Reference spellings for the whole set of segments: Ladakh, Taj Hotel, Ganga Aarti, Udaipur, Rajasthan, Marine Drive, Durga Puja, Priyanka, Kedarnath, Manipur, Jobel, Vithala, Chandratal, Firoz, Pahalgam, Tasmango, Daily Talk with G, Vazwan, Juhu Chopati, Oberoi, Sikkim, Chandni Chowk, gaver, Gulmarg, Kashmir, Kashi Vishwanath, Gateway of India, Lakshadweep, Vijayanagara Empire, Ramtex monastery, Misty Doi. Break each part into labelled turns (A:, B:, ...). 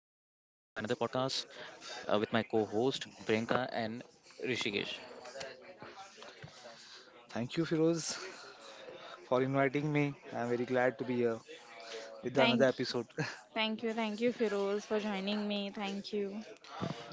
A: podcast with my co host Priyanka and Rishikesh.
B: Thank you, Firoz, for inviting me. I'm very glad to be here with
C: Thank,
B: another episode.
C: thank you, Firoz, for joining me. Thank you.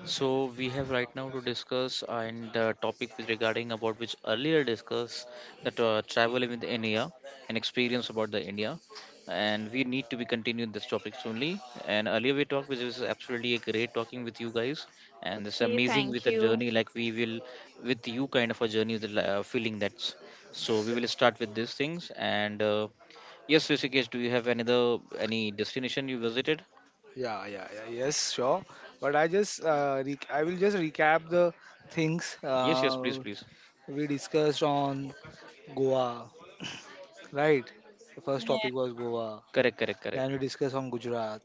A: So, we have right now to discuss and topic with regarding about which earlier discussed that travel with India and experience about the India. And we need to be continuing this topic soonly. And earlier we talked, which was absolutely a great talking with you guys. And this
C: Okay,
A: amazing
C: thank
A: with a
C: you.
A: journey like we will with you kind of a journey, with the feeling that's so we will start with these things and yes, Rishikesh, do you have another any destination you visited?
B: Yeah, yeah, yeah. Yes, sure. But I will just recap the things
A: Yes, yes, please, please.
B: we discussed on Goa, right? The first
C: Yeah,
B: topic was Goa.
A: Correct, correct, correct.
B: Then we discussed on Gujarat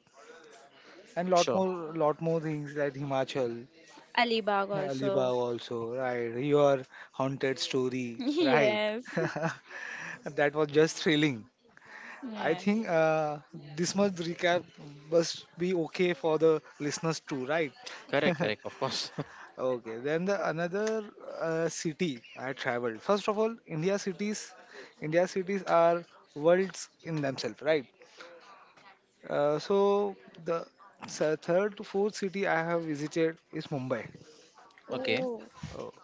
B: and lot
A: Sure.
B: more, lot more things like Himachal,
C: Alibag also.
B: Alibag also, right? Your haunted story, right?
C: Yes,
B: That was just thrilling. I think
C: yes.
B: this much recap must be okay for the listeners too, right?
A: Correct, correct, of course.
B: Okay, then the another city I traveled. First of all, India cities are worlds in themselves, right? So the third to fourth city I have visited is Mumbai.
A: okay.
C: Oh,
B: Oh,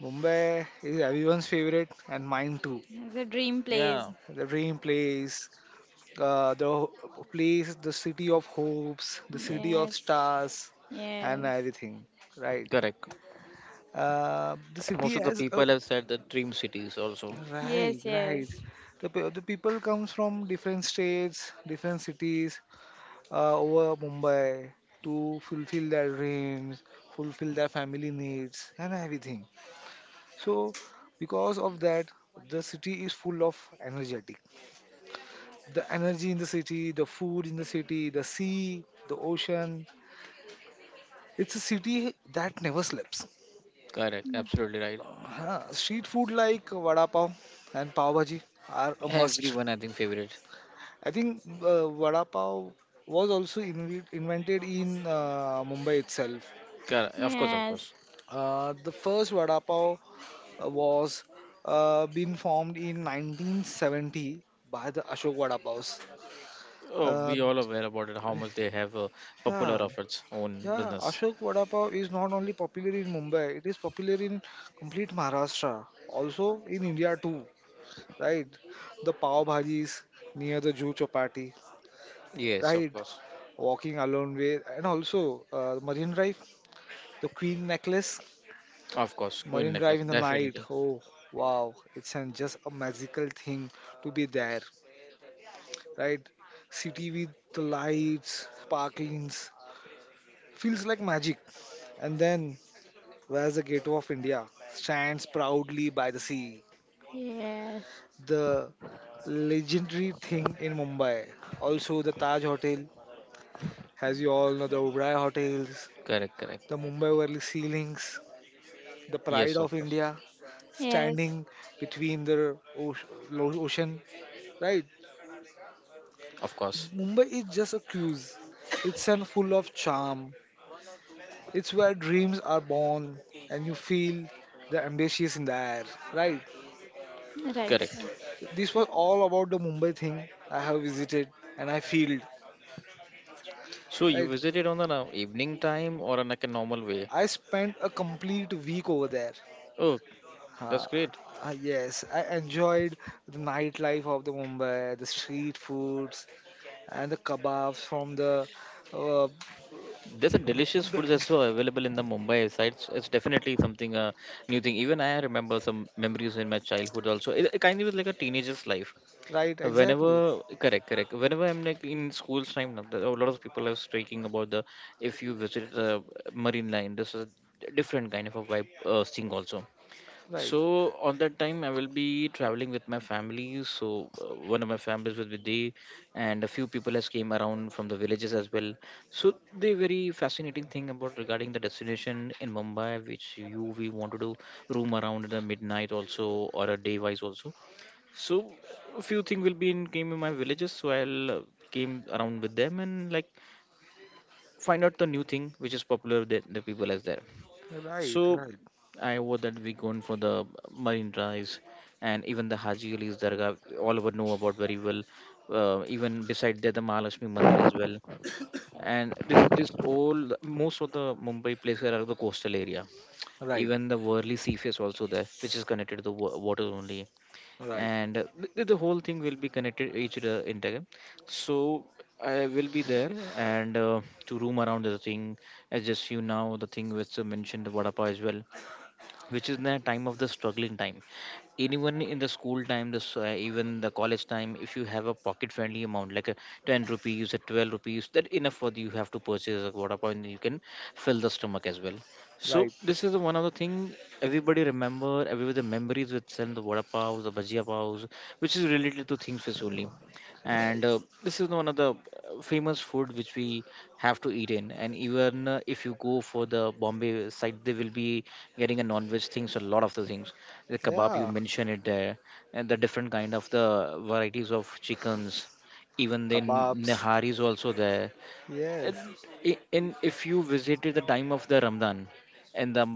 B: Mumbai is everyone's favorite and mine too.
C: it's a dream
A: Yeah,
C: place.
B: The dream place, uh, the ho- place, the city of hopes, the city of
C: Yes,
B: stars, and
C: yes,
B: everything, right?
A: correct.
B: The
A: Most
B: city
A: of the
B: has a.
A: people have said the dream cities also.
B: Right,
C: yes,
B: right.
C: yes,
B: The people comes from different states, different cities, over Mumbai to fulfill their dreams, fulfill their family needs, and everything. So, because of that, the city is full of energetic. The energy in the city, the food in the city, the sea, the ocean. It's a city that never sleeps.
A: Correct,
C: Mm.
A: absolutely right.
B: Huh. Street food like vada pav and pav bhaji are a must.
A: Everyone, I think, favorite.
B: I think vada pav was also invented in Mumbai itself.
A: Correct, of course, of
C: yes,
A: course.
B: The first vada pav was been formed in 1970 by the Ashok Vada Pavs.
A: Oh,
B: Uh,
A: we all aware about it, how much they have popular
B: yeah,
A: of its own
B: yeah,
A: business.
B: Ashok Vada Pav is not only popular in Mumbai, it is popular in complete Maharashtra, also in India too, right? The pav bhajis near the Juhu Chopati,
A: Yes, of
B: right?
A: course.
B: Walking alone way, and also Marine Drive, the Queen necklace,
A: Of course, Queen
B: Marine Drive
A: necklace,
B: in the night.
A: definitely.
B: Oh wow, it's an, just a magical thing to be there, right? City with the lights, sparklings, feels like magic. And then where's the Gateway of India? Stands proudly by the sea.
C: yes,
B: The legendary thing in Mumbai. Also the Taj Hotel, as you all know, the Oberoi hotels,
A: Correct, correct.
B: the Mumbai Worli ceilings, the pride
A: Yes,
B: of
A: of course.
B: India
C: yes.
B: standing between the ocean, right?
A: Of course.
B: Mumbai is just a cruise. It's an full of charm. It's where dreams are born and you feel the ambitious in the air, right?
C: Right.
A: Correct.
C: Right.
B: This was all about the Mumbai thing I have visited and I feel,
A: So you
B: right?
A: visited on an evening time or on like a normal way?
B: I spent a complete week over there.
A: Oh, that's
B: Uh,
A: great.
B: yes, I enjoyed the nightlife of the Mumbai, the street foods and the kebabs from the uh,
A: There's a delicious
B: b-
A: food that's so available in the Mumbai side. So it's definitely something new thing. Even I remember some memories in my childhood also. It kind of was like a teenager's life.
B: right, exactly,
A: Whenever, correct, correct. Whenever I'm like in school's time, now, there are a lot of people are speaking about the if you visit the marine line, this is a different kind of a vibe thing also.
B: right,
A: So on that time, I will be traveling with my family. So one of my families will with there, and a few people has came around from the villages as well. So the very fascinating thing about regarding the destination in Mumbai, which you we want to do room around in the midnight also or a day wise also. So a few thing will be in came in my villages, so I'll came around with them and like find out the new thing which is popular that the people has there.
B: right,
A: So
B: right,
A: I would that we going for the marine drives and even the Haji Ali's Dargah, all of us know about very well. Even beside there, the Mahalakshmi Mandir as well. And this all, most of the Mumbai places are the coastal area.
B: right,
A: Even the Worli Seaface also there, which is connected to the water only.
B: right,
A: And the whole thing will be connected each other integrated. So I will be there and to roam around the thing. As just you now, the thing which you mentioned, the Vadapa as well, which is the time of the struggling time, anyone in the school time the even the college time, if you have a pocket friendly amount like a 10 rupees a 12 rupees, that enough for the, you have to purchase a water point, you can fill the stomach as well. So
B: right.
A: this is the one of the thing. Everybody remember, everybody the memories with selling the water paws, the bhajia paws, which is related to things which only. And this is one of the famous food which we have to eat in. And even if you go for the bombay side there will be getting a non-veg things, a lot of the things, the kebab you
B: Yeah,
A: mentioned it there, and the different kind of the varieties of chickens, even the
B: kebabs.
A: nihari is also there.
B: Yes,
A: And, and if you visited the time of the ramadan and the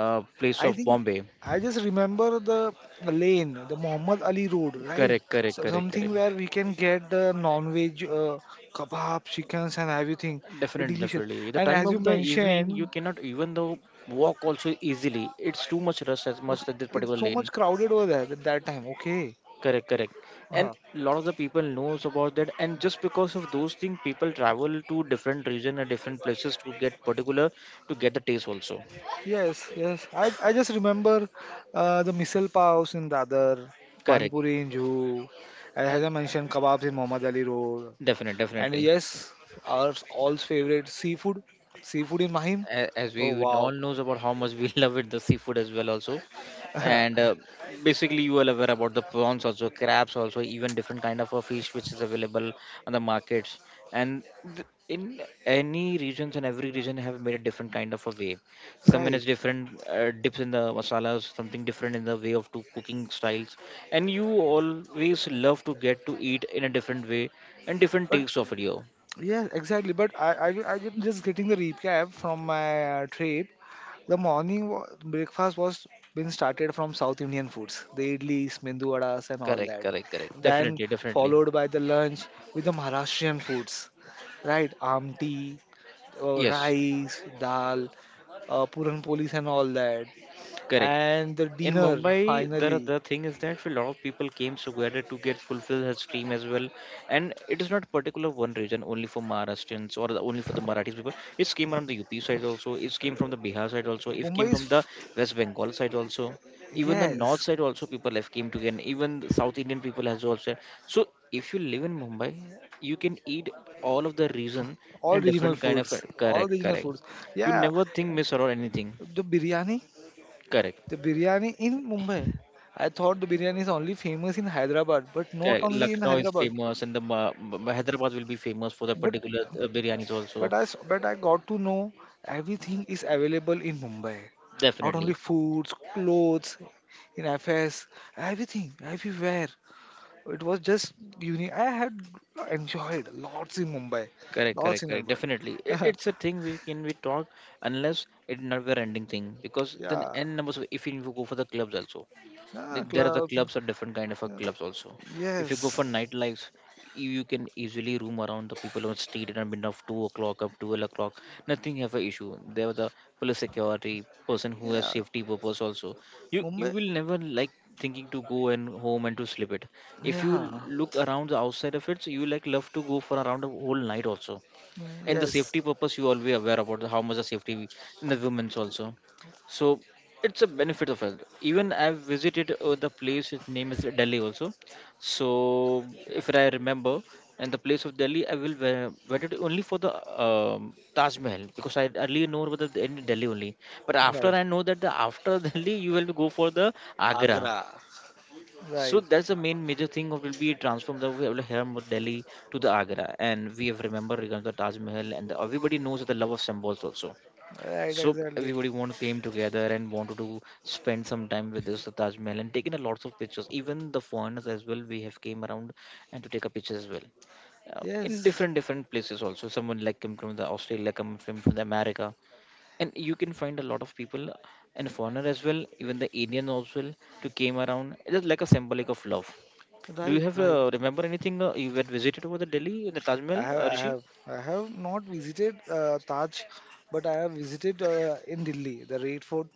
A: place
B: I
A: of
B: think
A: bombay,
B: I just remember the lane, the Muhammad Ali Road, right?
A: correct, correct,
B: So
A: correct,
B: something where
A: correct,
B: we can get the non-veg kebab, chickens, and everything.
A: definitely,
B: Delicious.
A: definitely. The
B: And
A: time
B: as you
A: of the evening you
B: mentioned,
A: cannot even though walk also easily, it's too much rush as much that this particular
B: it's so
A: lane.
B: much crowded over there at that time. Okay.
A: Correct, correct. And
B: Uh-huh.
A: lot of the people knows about that, and just because of those things, people travel to different region and different places to get particular to get the taste also.
B: Yes, yes. I just remember the missile paos in Dadar, Pani
A: Correct.
B: Puri in Juhu, and as
A: And
B: I mentioned, kebabs in Muhammad Ali Road. And
A: definitely.
B: yes, our all's favorite seafood in Mahim.
A: A- as we
B: Oh
A: would
B: wow.
A: all knows about how much we love it the seafood as well also. And basically you are aware about the prawns also, crabs also, even different kind of a fish which is available on the markets. And in any regions, and every region have made a different kind of a way. Some in
B: Right.
A: is different dips in the masalas, something different in the way of two cooking styles, and you always love to get to eat in a different way and different
B: But
A: takes of it yo.
B: yeah, exactly. But I am just getting the recap from my trip. The morning breakfast was been started from South Indian foods, the idlis, mendu vadas, and all
A: Correct,
B: that.
A: correct, correct,
B: Then
A: definitely, definitely,
B: followed by the lunch with the Maharashtrian foods, right? Amti,
A: yes,
B: rice, dal, puran polis, and all that.
A: correct.
B: And the
A: In
B: dinner
A: Mumbai, the
B: finally.
A: the thing is that a lot of people came together to get fulfill his dream as well, and it is not particular one region only for Maharashtrians or the, only for the Marathis people. It came from the UP side also. It came from the Bihar side also. It came
B: Mumbai is
A: from the
B: f-
A: West Bengal side also. Even the north
B: yes,
A: side also people have came together. Even the South Indian people has also. So if you live in Mumbai, you can eat all of the region
B: all
A: in a
B: regional
A: different kind of,
B: foods, all
A: correct,
B: regional
A: correct.
B: foods.
A: You
B: Yeah.
A: never think miss or anything,
B: the biryani
A: correct.
B: The biryani in Mumbai. I thought the biryani is only famous in Hyderabad, but not
A: Correct.
B: only in
A: Lucknow is
B: Hyderabad.
A: famous, and the Hyderabad will be famous for the
B: But
A: particular biryanis also.
B: but I got to know everything is available in Mumbai. Not only
A: Definitely.
B: foods, clothes, in FS, everything, everywhere. It was just unique. I had enjoyed lots in Mumbai,
A: Correct,
B: lots
A: correct,
B: in
A: correct.
B: Mumbai.
A: Definitely, it's a thing we can we talk unless it's never ending thing because
B: Yeah,
A: then
B: yeah,
A: n numbers. If you go for the clubs also, there are the
B: clubs.
A: clubs are different kind of a
B: Yeah.
A: clubs also, if you go for
B: Yes,
A: nightlife, you can easily roam around the people on street at midnight of 2 o'clock up 12 o'clock. Nothing have a issue. There are the police security person who has
B: yeah,
A: safety purpose also. You
B: Mumbai.
A: will never like thinking to go and home and to sleep it. If you
B: Yeah,
A: look around the outside of it, so you like love to go for around a whole night also,
B: mm,
A: in the
B: yes.
A: safety purpose you always aware about the- how much the safety in the women's also. So it's a benefit of health. Even I've visited the place its name is delhi also. So if I remember and the place of delhi I will visit only for the taj mahal, because I earlier know about the in delhi only, but after
B: Right.
A: I know that the after delhi you will go for the agra.
B: Agra.
A: So
B: Right.
A: that's the main major thing of will be transform the we will here from Delhi to the Agra, and we have remembered regarding the Taj Mahal, and the, everybody knows the love of symbols also.
B: Right.
A: So
B: Exactly.
A: everybody want came together and wanted to spend some time with this Taj Mahal and taken a lots of pictures. Even the foreigners as well, we have came around and to take a picture as well. In
B: Yes.
A: different places also, someone like come from the Australia, like come from, the America, and you can find a lot of people and foreigner as well, even the Indian as well, to came around. It is like a symbolic of love. Do you
B: Right.
A: have
B: Right.
A: remember anything you had visited over the Delhi, the Taj
B: I
A: Mahal,
B: have. I
A: Rishi?
B: have. I have not visited Taj, but I have visited in Delhi the Red Fort,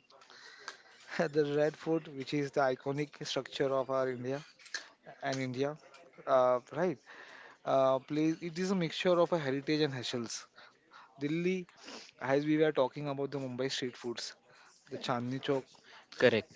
B: the Red Fort, which is the iconic structure of our India and India. Right. Place. It is a mixture of a heritage and hustles. Delhi, as we were talking about the Mumbai street foods, the Chandni Chowk,
A: Correct.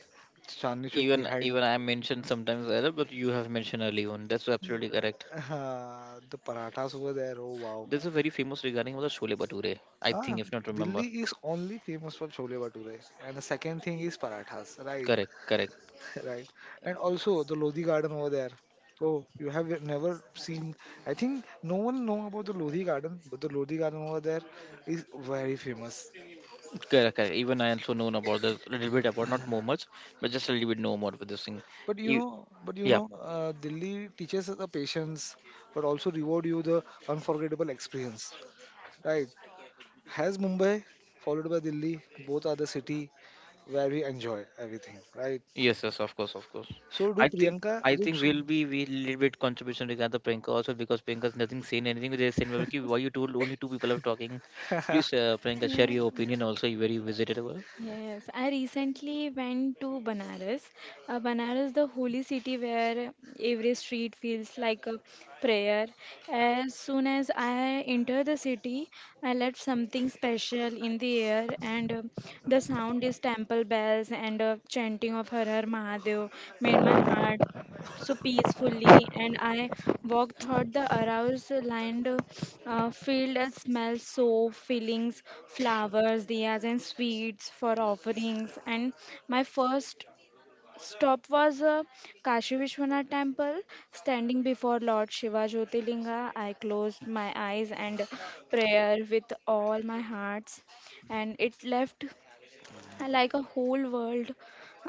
B: Chandni Chowk
A: Even
B: behind
A: even I mentioned sometimes earlier, but you have mentioned early on. That's absolutely correct.
B: the parathas over there. Oh wow.
A: There's a very famous regarding about the Shole Bature, I think,
B: Ah,
A: if not remember.
B: Delhi is only famous for chole bhature, and the second thing is parathas, right?
A: Correct, correct,
B: Right, and also the Lodhi Garden over there. Oh, you have never seen? I think no one know about the Lodhi Garden, but the Lodhi Garden over there is very famous.
A: correct, correct. Even I also known about this a little bit about not more much, but just a little bit know more about this thing. E- yeah.
B: Delhi teaches us the patience, but also reward you the unforgettable experience, right? Has Mumbai followed by Delhi, both are the city where we enjoy everything, right?
A: Yes, yes, of course, of course.
B: So do
A: I think
B: Priyanka.
A: I think we'll be we little bit contribution regarding the Priyanka also, because Priyanka's nothing saying anything. They saying, "Well, ki, why you told only two people are talking? Please, Priyanka, share
C: Yeah.
A: your opinion also. You very visitable.
C: Yes, I recently went to Banaras. Banaras, the holy city where every street feels like a prayer. As soon as I enter the city, I left something special in the air, and the sound is temple bells and chanting of Har Har Mahadev made my heart so peacefully, and I walked through the aroused lined field and smelled soap, fillings, flowers, diyas, and sweets for offerings. And my first stop was Kashi Vishwanath temple. Standing before Lord Shiva Jyotirlinga, I closed my eyes and prayer with all my hearts, and it left like a whole world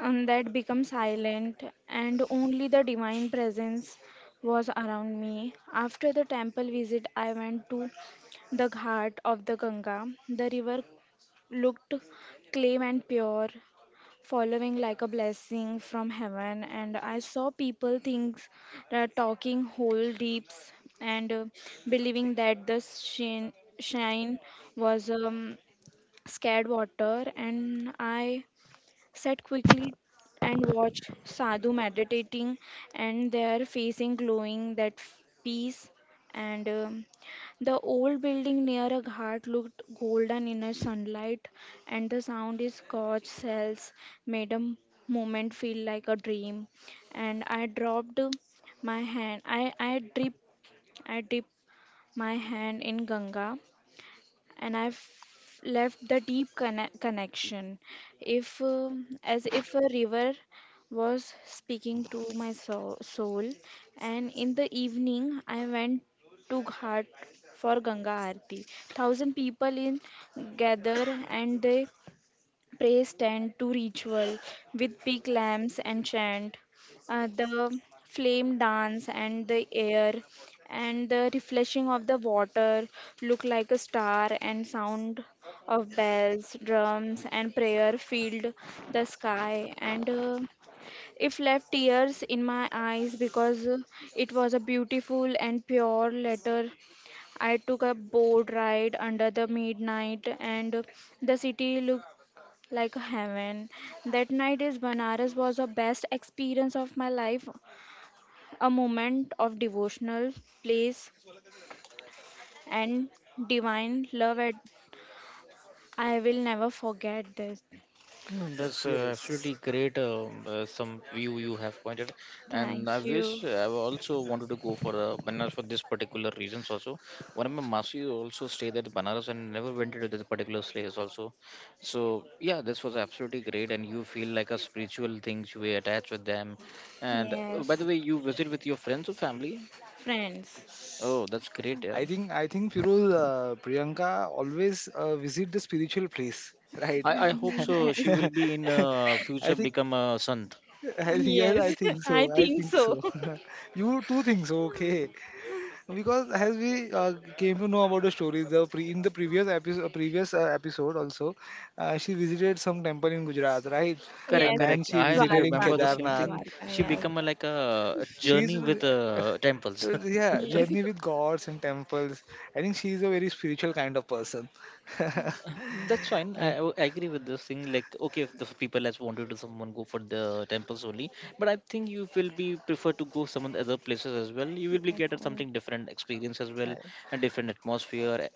C: that became silent, and only the divine presence was around me. After the temple visit, I went to the ghat of the Ganga. The river looked clean and pure, following like a blessing from heaven. And I saw people things talking whole deeps and believing that the shine was scared water. And I sat quickly and watched Sadhu meditating, and their facing glowing that peace. And the old building near a ghat looked golden in a sunlight, and the sound is scotch cells made a moment feel like a dream. And I dropped my hand. I drip. I dip my hand in Ganga and I've left the deep connection. If, As if a river was speaking to my soul, and in the evening I went to Ghat for Ganga Aarti. Thousand people in gather and they praise stand to ritual with big lamps and chant, the flame dance and the air and the refreshing of the water look like a star and sound of bells, drums and prayer filled the sky and if left tears in my eyes because it was a beautiful and pure letter. I took a boat ride under the midnight, and the city looked like heaven. That night is Banaras was the best experience of my life, a moment of devotional place and divine love. At, I will never forget this.
A: No, that's
B: Yes,
A: absolutely great. Some view you have pointed, and I
C: Thank
A: wish
C: you.
A: I also wanted to go for Banaras for this particular reasons. Also, one of my masi also stayed at Banaras and never went into this particular place. Also, so yeah, this was absolutely great, and you feel like a spiritual thing you were attached with them. And by the
C: Yes,
A: way, you visit with your friends or family.
C: friends.
A: Oh, that's great, yeah.
B: I think Firuz, Priyanka always visit the spiritual place, right?
A: I hope so. She will be in
B: I
A: future
B: think
A: become a sant.
B: I think yes, I
C: Yes, yes,
B: think so.
C: I
B: I
C: think
B: think
C: so.
B: so. You too think so, okay? Because as we came to know about the story, in the previous episode also, she visited some temple in Gujarat, right?
A: Correct,
B: And
C: Yes,
B: then
A: correct.
B: she
A: I
B: visited in
C: Dwarka,
A: remember the same thing.
B: Kedarnath.
C: Dwarka.
A: She
C: Yes,
A: become a, like a
B: She's
A: journey with temples.
B: Yeah,
C: yes,
B: journey with gods and temples. I think she is a very spiritual kind of person.
A: That's fine.
B: I
A: I agree with this thing. Like, okay, if the people has wanted to someone go for the temples only, but I think you will be prefer to go some other places as well. You will be
C: yes,
A: get a something different experience as well, a different atmosphere.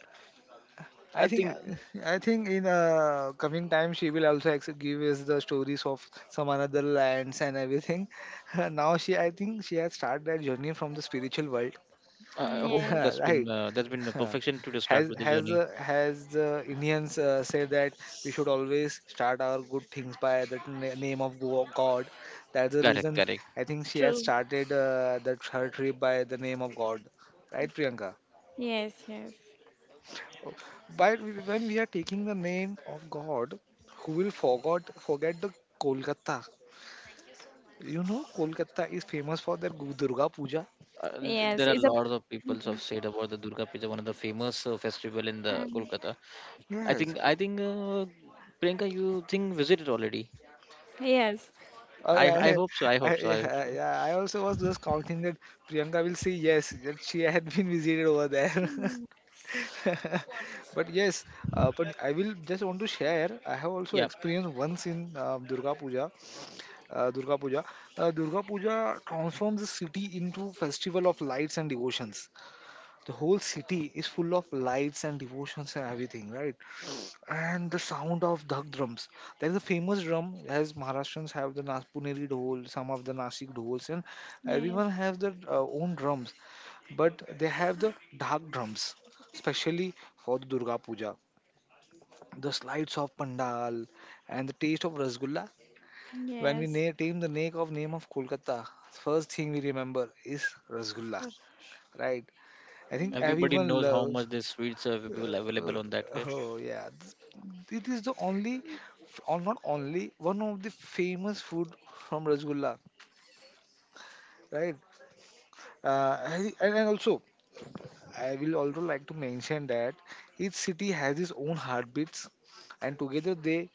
B: I
A: I
B: think
A: think
B: I think in coming time she will also give us the stories of some another lands and everything. Now she I think she has started that journey from the spiritual world.
A: I hope
C: yes.
B: Right.
A: that's been a
B: Huh.
A: perfection to just start
B: Has
A: with the
B: has
A: journey.
B: uh, has the Indians said that we should always start our good things by the name of God. That's the
A: Correct,
B: reason
A: correct.
B: I think she has
C: True.
B: started that her trip by the name of God, right, Priyanka?
C: Yes, yes,
B: Oh, but when we are taking the name of God, who will forgot forget the Kolkata? You know, Kolkata is famous for their Durga Puja.
C: yes.
A: There are
C: It's a
A: lots of people who have
C: Mm.
A: said about the Durga Puja, one of the famous festival in the
C: And
A: Kolkata.
B: Yes,
A: I think Priyanka, you think visited already.
C: Yes.
B: Uh,
A: I hope so. I hope so. I hope
B: yeah,
A: so.
B: yeah, I also was just counting that Priyanka will say yes, that she had been visited over there.
C: Mm,
B: But yes, but I will just want to share. I have also
A: Yeah,
B: experienced once in Durga Puja. Uh, Durga Puja, Durga Puja transforms the city into festival of lights and devotions. The whole city is full of lights and devotions and everything, right? And the sound of dhak drums. There is a famous drum as Maharashtrians have the Puneri dhol, some of the Nasik dhols, and
C: Yes.
B: everyone has their own drums. But they have the dhak drums, especially for the Durga Puja. The slides of pandal and the taste of rasgulla. When we
C: Yes.
B: name the name of Kolkata, first thing we remember is rasgulla, right? I think
A: everybody
B: everyone
A: knows how
B: loves.
A: much this sweets are available
B: Uh,
A: on that way.
B: oh yeah, it is the only, or not only one of the famous food from Rasgulla, right? And also, I will also like to mention that each city has its own heartbeats, and together they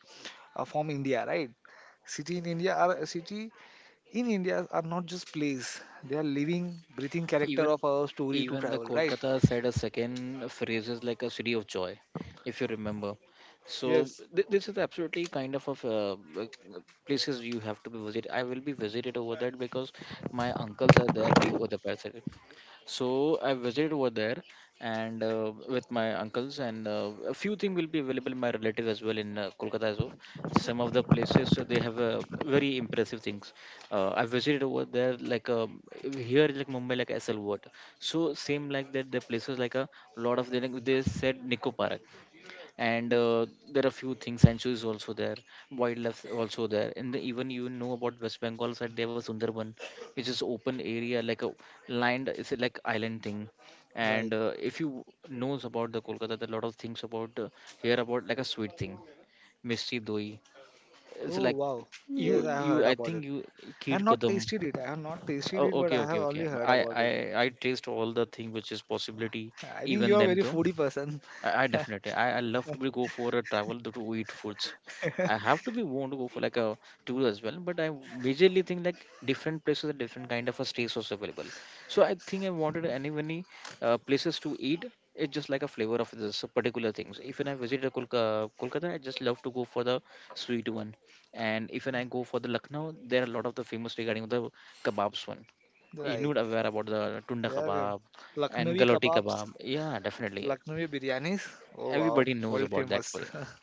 B: form India, right? City in India are not just place; they are living, breathing character
A: Even
B: of our story to
A: even the
B: travel, right?
A: Kolkata said a second phrase is like a city of joy, if you remember. So
B: Yes,
A: this is absolutely kind of uh, places you have to be visit. I will be visited over that because my uncles are there be over the person. So I visited over there and with my uncles and a few things will be available in my relatives as well in Kolkata. So some of the places they have very impressive things. I visited over there like here is like Mumbai like SL Water. So same like that, the places like a lot of they said Nico Park and there are few things Sancho is also there, wildlife is also there, and even you know about West Bengal side there was Sundarban, which is open area like a land, it's like island thing. And
B: right.
A: if you knows about the Kolkata, there are a lot of things about here, about like a sweet thing, Misty Doi. It's
B: Oh
A: like,
B: wow,
A: you
B: yes, I
C: Yeah.
A: you
B: heard
A: I
B: about
A: think
B: it.
A: you
B: I
A: Kheer
B: have not
A: Kadam.
B: tasted it. I have not tasted it,
A: Oh,
B: but
A: okay,
B: I have
A: okay, okay.
B: only heard
A: I,
B: about
A: I
B: it.
A: I taste all the thing which is possibility,
B: I think
A: even
B: you are a
A: them
B: very
A: though.
B: foodie person.
A: I definitely, I love to be go for a travel to eat foods. I have to be want to go for like a tour as well, but I majorly think like different places and different kind of a stays was available. So I think I wanted any many places to eat. It's just like a flavor of this particular things. If when I visit a Kolkata, I just love to go for the sweet one, and if when I go for the Lucknow, there are a lot of the famous regarding the kebabs one. You know
B: Right.
A: aware about the tunda
B: Yeah. Yeah.
A: kebab and
B: Lucknowi
A: galoti
B: kebabs,
A: kebab. Yeah, definitely.
B: Lucknowi biryanis. Oh wow,
A: Everybody knows
B: world
A: about that.
B: famous.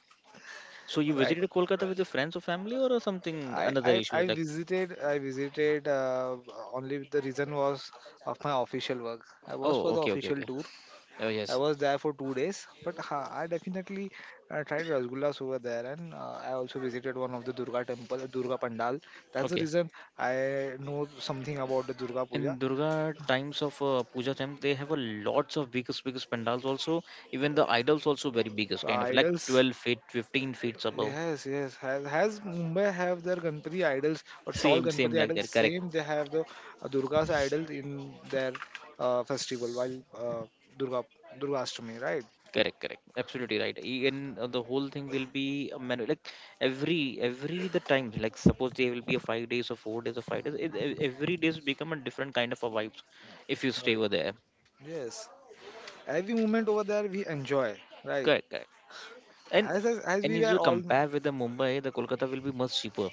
A: So you
B: Right.
A: visited Kolkata with your friends or family or something, another issues like,
B: I visited Only the reason was of my official work. I was
A: oh,
B: for the
A: okay, okay,
B: official
A: okay.
B: tour.
A: Oh,
B: I
A: yes.
B: was there for 2 days, but ha, I definitely tried rasgullas over there, and I also visited one of the Durga temple, Durga Pandal. That's the
A: Okay.
B: reason I know something about the Durga
A: In
B: Puja.
A: Durga times of puja time, they have a lots of biggest, biggest pandals also. Even the idols also very biggest,
B: The
A: kind of like
B: idols,
A: 12 feet, 15 feet above.
B: yes, yes, has Mumbai have their Ganpati idols or tall
A: Same, same
B: Ganpati
A: like
B: idols?
A: that. Correct.
B: Same, they have the Durga's idols in their festival while Durga Durga Ashtami, right?
A: Correct, correct. Absolutely right. And the whole thing will be a manual. Like every the time, like suppose there will be a 5 days or 4 days or 5 days. Every days become a different kind of a vibes if you stay
B: Right.
A: over there.
B: Yes. Every moment over there we enjoy, right?
A: Correct, correct. And
B: As
A: and
B: we
A: if
B: were
A: you
B: all.
A: compare with the Mumbai, the Kolkata will be much cheaper.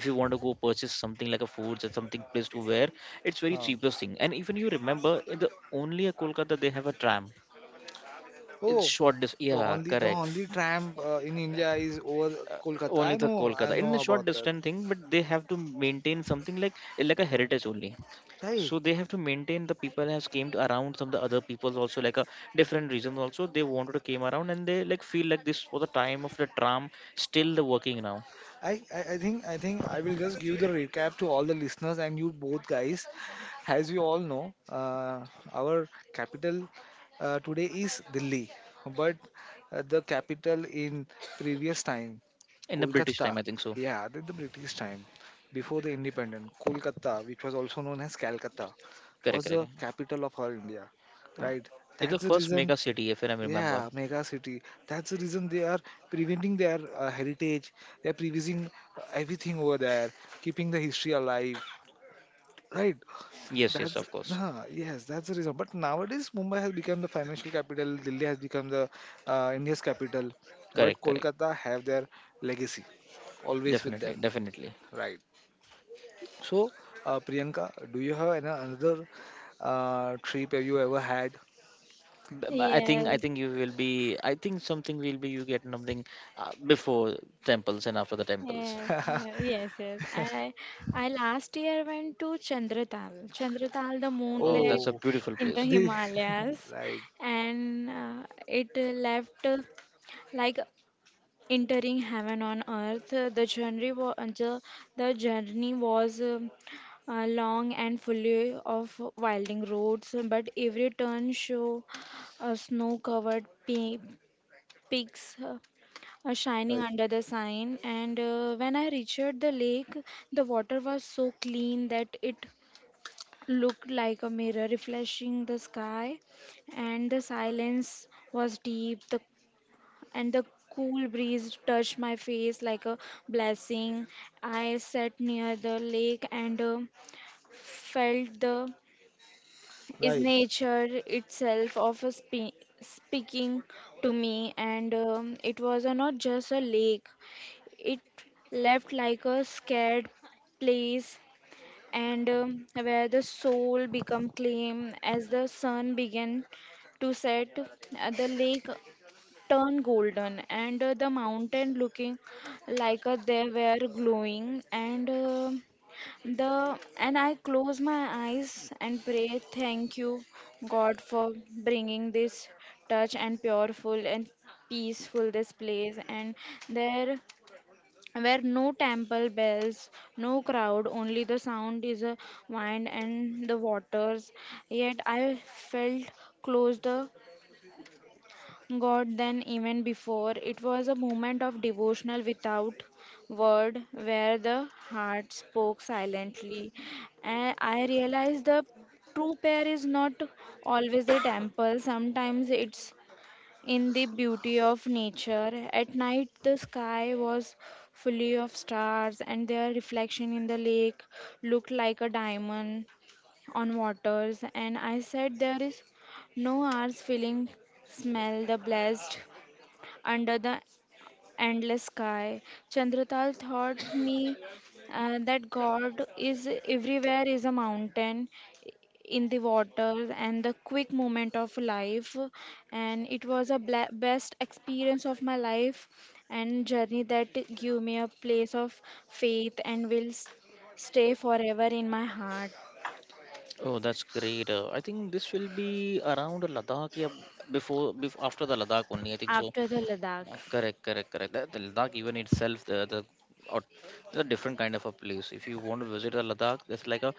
A: If you want to go purchase something like a foods or something place to wear, it's very
B: Huh.
A: cheapest thing. And even you remember in the only a Kolkata they have a tram. It's
B: Oh,
A: short distance.
B: the
A: Yeah,
B: only the
A: correct.
B: only tram in India is over
A: uh,
B: Kolkata.
A: Only the
B: I
A: Kolkata in
B: know
A: the short
B: about that.
A: distance thing, but they have to maintain something like a heritage only.
B: Right.
A: So they have to maintain the people has came to around some of the other peoples also like a different reasons also they wanted to came around, and they like feel like this for the time of the tram still the working now
B: I think I will just give the recap to all the listeners and you both guys. As you all know, our capital today is Delhi, but the capital in previous time,
A: in the British
B: Kolkata,
A: time, I think so.
B: yeah, the British time, before the independence, Kolkata, which was also known as Calcutta,
A: Correct,
B: was
A: correct.
B: the capital of our India,
A: Uh,
B: right?
A: It's the
B: That's the
A: first
B: reason,
A: mega city if I remember.
B: yeah, mega city. That's the reason they are preventing their heritage. They are preserving everything over there, keeping the history alive. Right?
A: Yes, yes,
B: That's
A: of course.
B: yes, that's the reason. But nowadays, Mumbai has become the financial capital. Delhi has become the India's capital. But
A: Correct, correct.
B: Kolkata have their legacy, always with
A: Definitely,
B: them.
A: definitely.
B: Right. So, Priyanka, do you have another trip have you ever had?
A: I think I
C: Yes.
A: think you will be, I think something will be you get something before temples and after the temples.
C: Yes. yeah, Yes. Yes. I last year went to Chandratal. Chandratal, the moon
A: Oh, that's a
C: lake
B: Oh,
A: beautiful
C: in the
A: place.
B: the,
C: Himalayas,
B: right.
C: and it left like entering heaven on earth. The journey was long and full of winding roads, but every turn showed snow-covered peaks shining
B: right,
C: under the sign. And when I reached the lake, the water was so clean that it looked like a mirror reflecting the sky and the silence was deep the and the cool breeze touched my face like a blessing. I sat near the lake and felt the is
B: right,
C: nature itself of a speaking to me and it was not just a lake. It left like a scared place and where the soul become claim as the sun began to set the lake turned golden, and the mountain looking like they were glowing. And I close my eyes and pray, thank you, God, for bringing this touch and pureful and peaceful this place. And there were no temple bells, no crowd, only the sound is a wind and the waters. Yet I felt close the God then even before. It was a moment of devotional without word where the heart spoke silently. And I realized the true prayer is not always the temple, sometimes it's in the beauty of nature. At night, the sky was fully of stars, and their reflection in the lake looked like a diamond on waters, and I said there is no hours feeling smell the blast under the endless sky. Chandratal thought me that God is everywhere is a mountain in the water and the quick moment of life, and it was a best experience of my life and journey that give me a place of faith and will stay forever in my heart.
A: Oh, that's great. I think this will be around Ladakh, yeah, before after the Ladakh only. I think so.
C: After the Ladakh.
A: Correct, correct, correct. The Ladakh even itself, the or the different kind of a place. If you want to visit the Ladakh, it's like a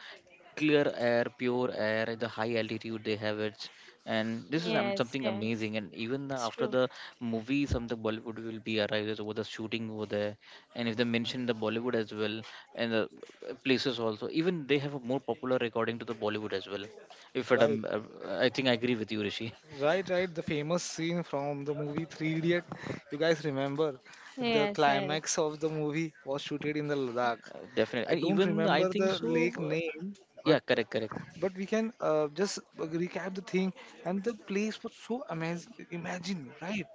A: clear air, pure air. The high altitude they have it, and this is
C: Yes,
A: something
C: yes.
A: amazing. And even the,
C: It's
A: after
C: true.
A: the movie, something Bollywood will be arrives over the shooting over there, and if they mention the Bollywood as well and the places also, even they have a more popular according to the Bollywood as well. If it,
B: right,
A: I think I agree with you, Rishi.
B: right. The famous scene from the movie Three Idiot. You guys remember the
C: Yes,
B: climax
C: yes.
B: of the movie was shooted in the Ladakh.
A: Definitely.
B: I
A: And
B: don't
A: even I
B: remember
A: think
B: the lake
A: so.
B: name, but
A: Yeah, correct, correct.
B: we can just recap the thing. And the place was so amazing. Imagine, right?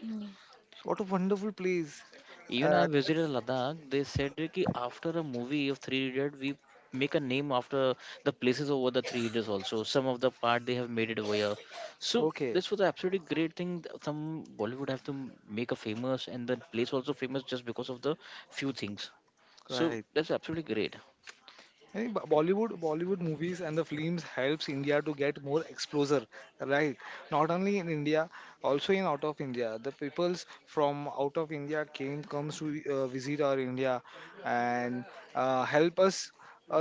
C: Ye-
B: So what a wonderful place.
A: Even I
B: Uh,
A: visited Ladakh. They said that after a movie of Three Idiots, we make a name after the places over the Three Idiots also. Some of the part they have made it over here. So
B: okay,
A: this was absolutely great thing. Some Bollywood have to make a famous and the place also famous just because of the few things. So
B: right.
A: that's absolutely great.
B: I think Bollywood movies and the films helps India to get more exposure, right? Not only in India, also in out of India. The peoples from out of India came comes to visit our India and help us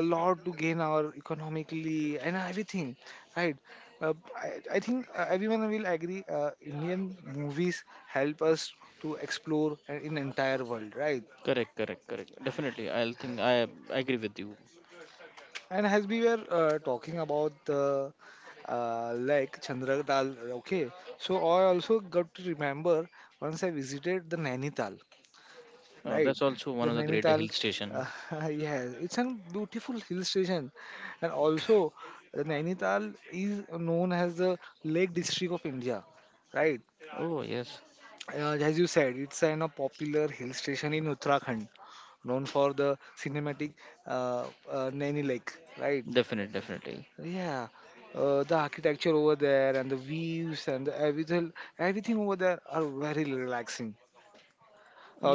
B: a lot to gain our economically and everything, right? I think everyone will agree. Indian movies help us to explore in entire world, right?
A: Correct, correct, correct. Definitely, I'll think I agree with you.
B: And as we were talking about the lake Chandratal, okay, so I also got to remember once I visited the Nainital,
A: Oh,
B: right?
A: that's also one
B: The
A: of the greater
B: Nainital,
A: hill station.
B: uh, yeah, it's a beautiful hill station, and also the Nainital is known as the Lake District of India, right?
A: Oh yes,
B: As you said, it's a popular hill station in Uttarakhand known for the cinematic uh, Naini Lake, right?
A: definitely, definitely.
B: Yeah, the architecture over there and the views and the everything, everything over there are very relaxing.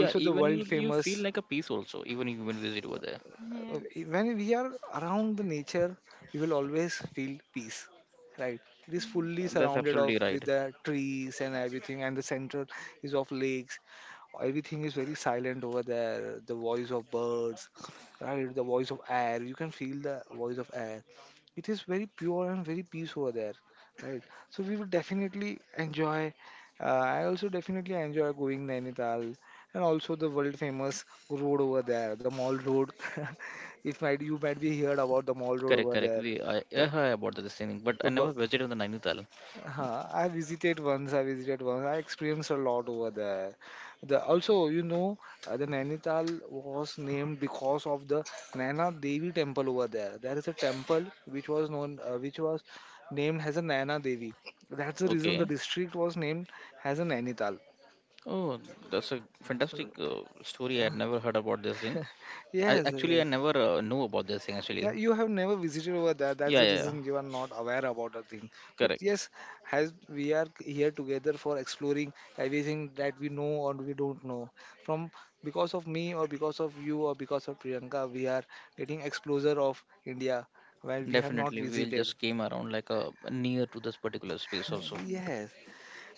A: Yeah,
B: the
A: even you
B: world
A: you feel
B: famous
A: like a peace also, even you when visit over there.
B: uh,
C: Yes.
B: when we are around the nature, we will always feel peace, right? It is fully
A: Yeah, that's
B: surrounded of
A: absolutely right.
B: with the trees and everything, and the center is of lakes. Everything is very silent over there, the voice of birds, right, the voice of air. You can feel the voice of air. It is very pure and very peace over there, right? So we would definitely enjoy, I also definitely enjoy going Nainital. And also the world famous road over there, the Mall Road. If might you might be heard about the Mall Road
A: Correct,
B: over
A: correct,
B: there.
A: we, I
B: The
A: heard about the same thing, but
B: the
A: I
B: bu-
A: never visited the Nainital.
B: huh, I visited once. I experienced a lot over there. The Also, you know, the Nainital was named because of the Naina Devi temple over there. There is a temple which was known which was named as a Naina Devi. That's the reason the
A: Okay.
B: district was named as a Nainital.
A: Oh, that's a fantastic story, I had never heard about this thing. i
B: Yes,
A: actually
B: yes.
A: i never knew about this thing actually.
B: Yeah, you have never visited over there. That's
A: Yeah,
B: the
A: yeah, yeah.
B: reason you are not aware about the thing. But
A: Correct.
B: yes, as we are here together for exploring everything that we know or we don't know. From because of me or because of you or because of Priyanka, we are getting exposure of India where we have not
A: Definitely, we'll
B: visited.
A: just came around like a near to this particular space also.
B: Yes,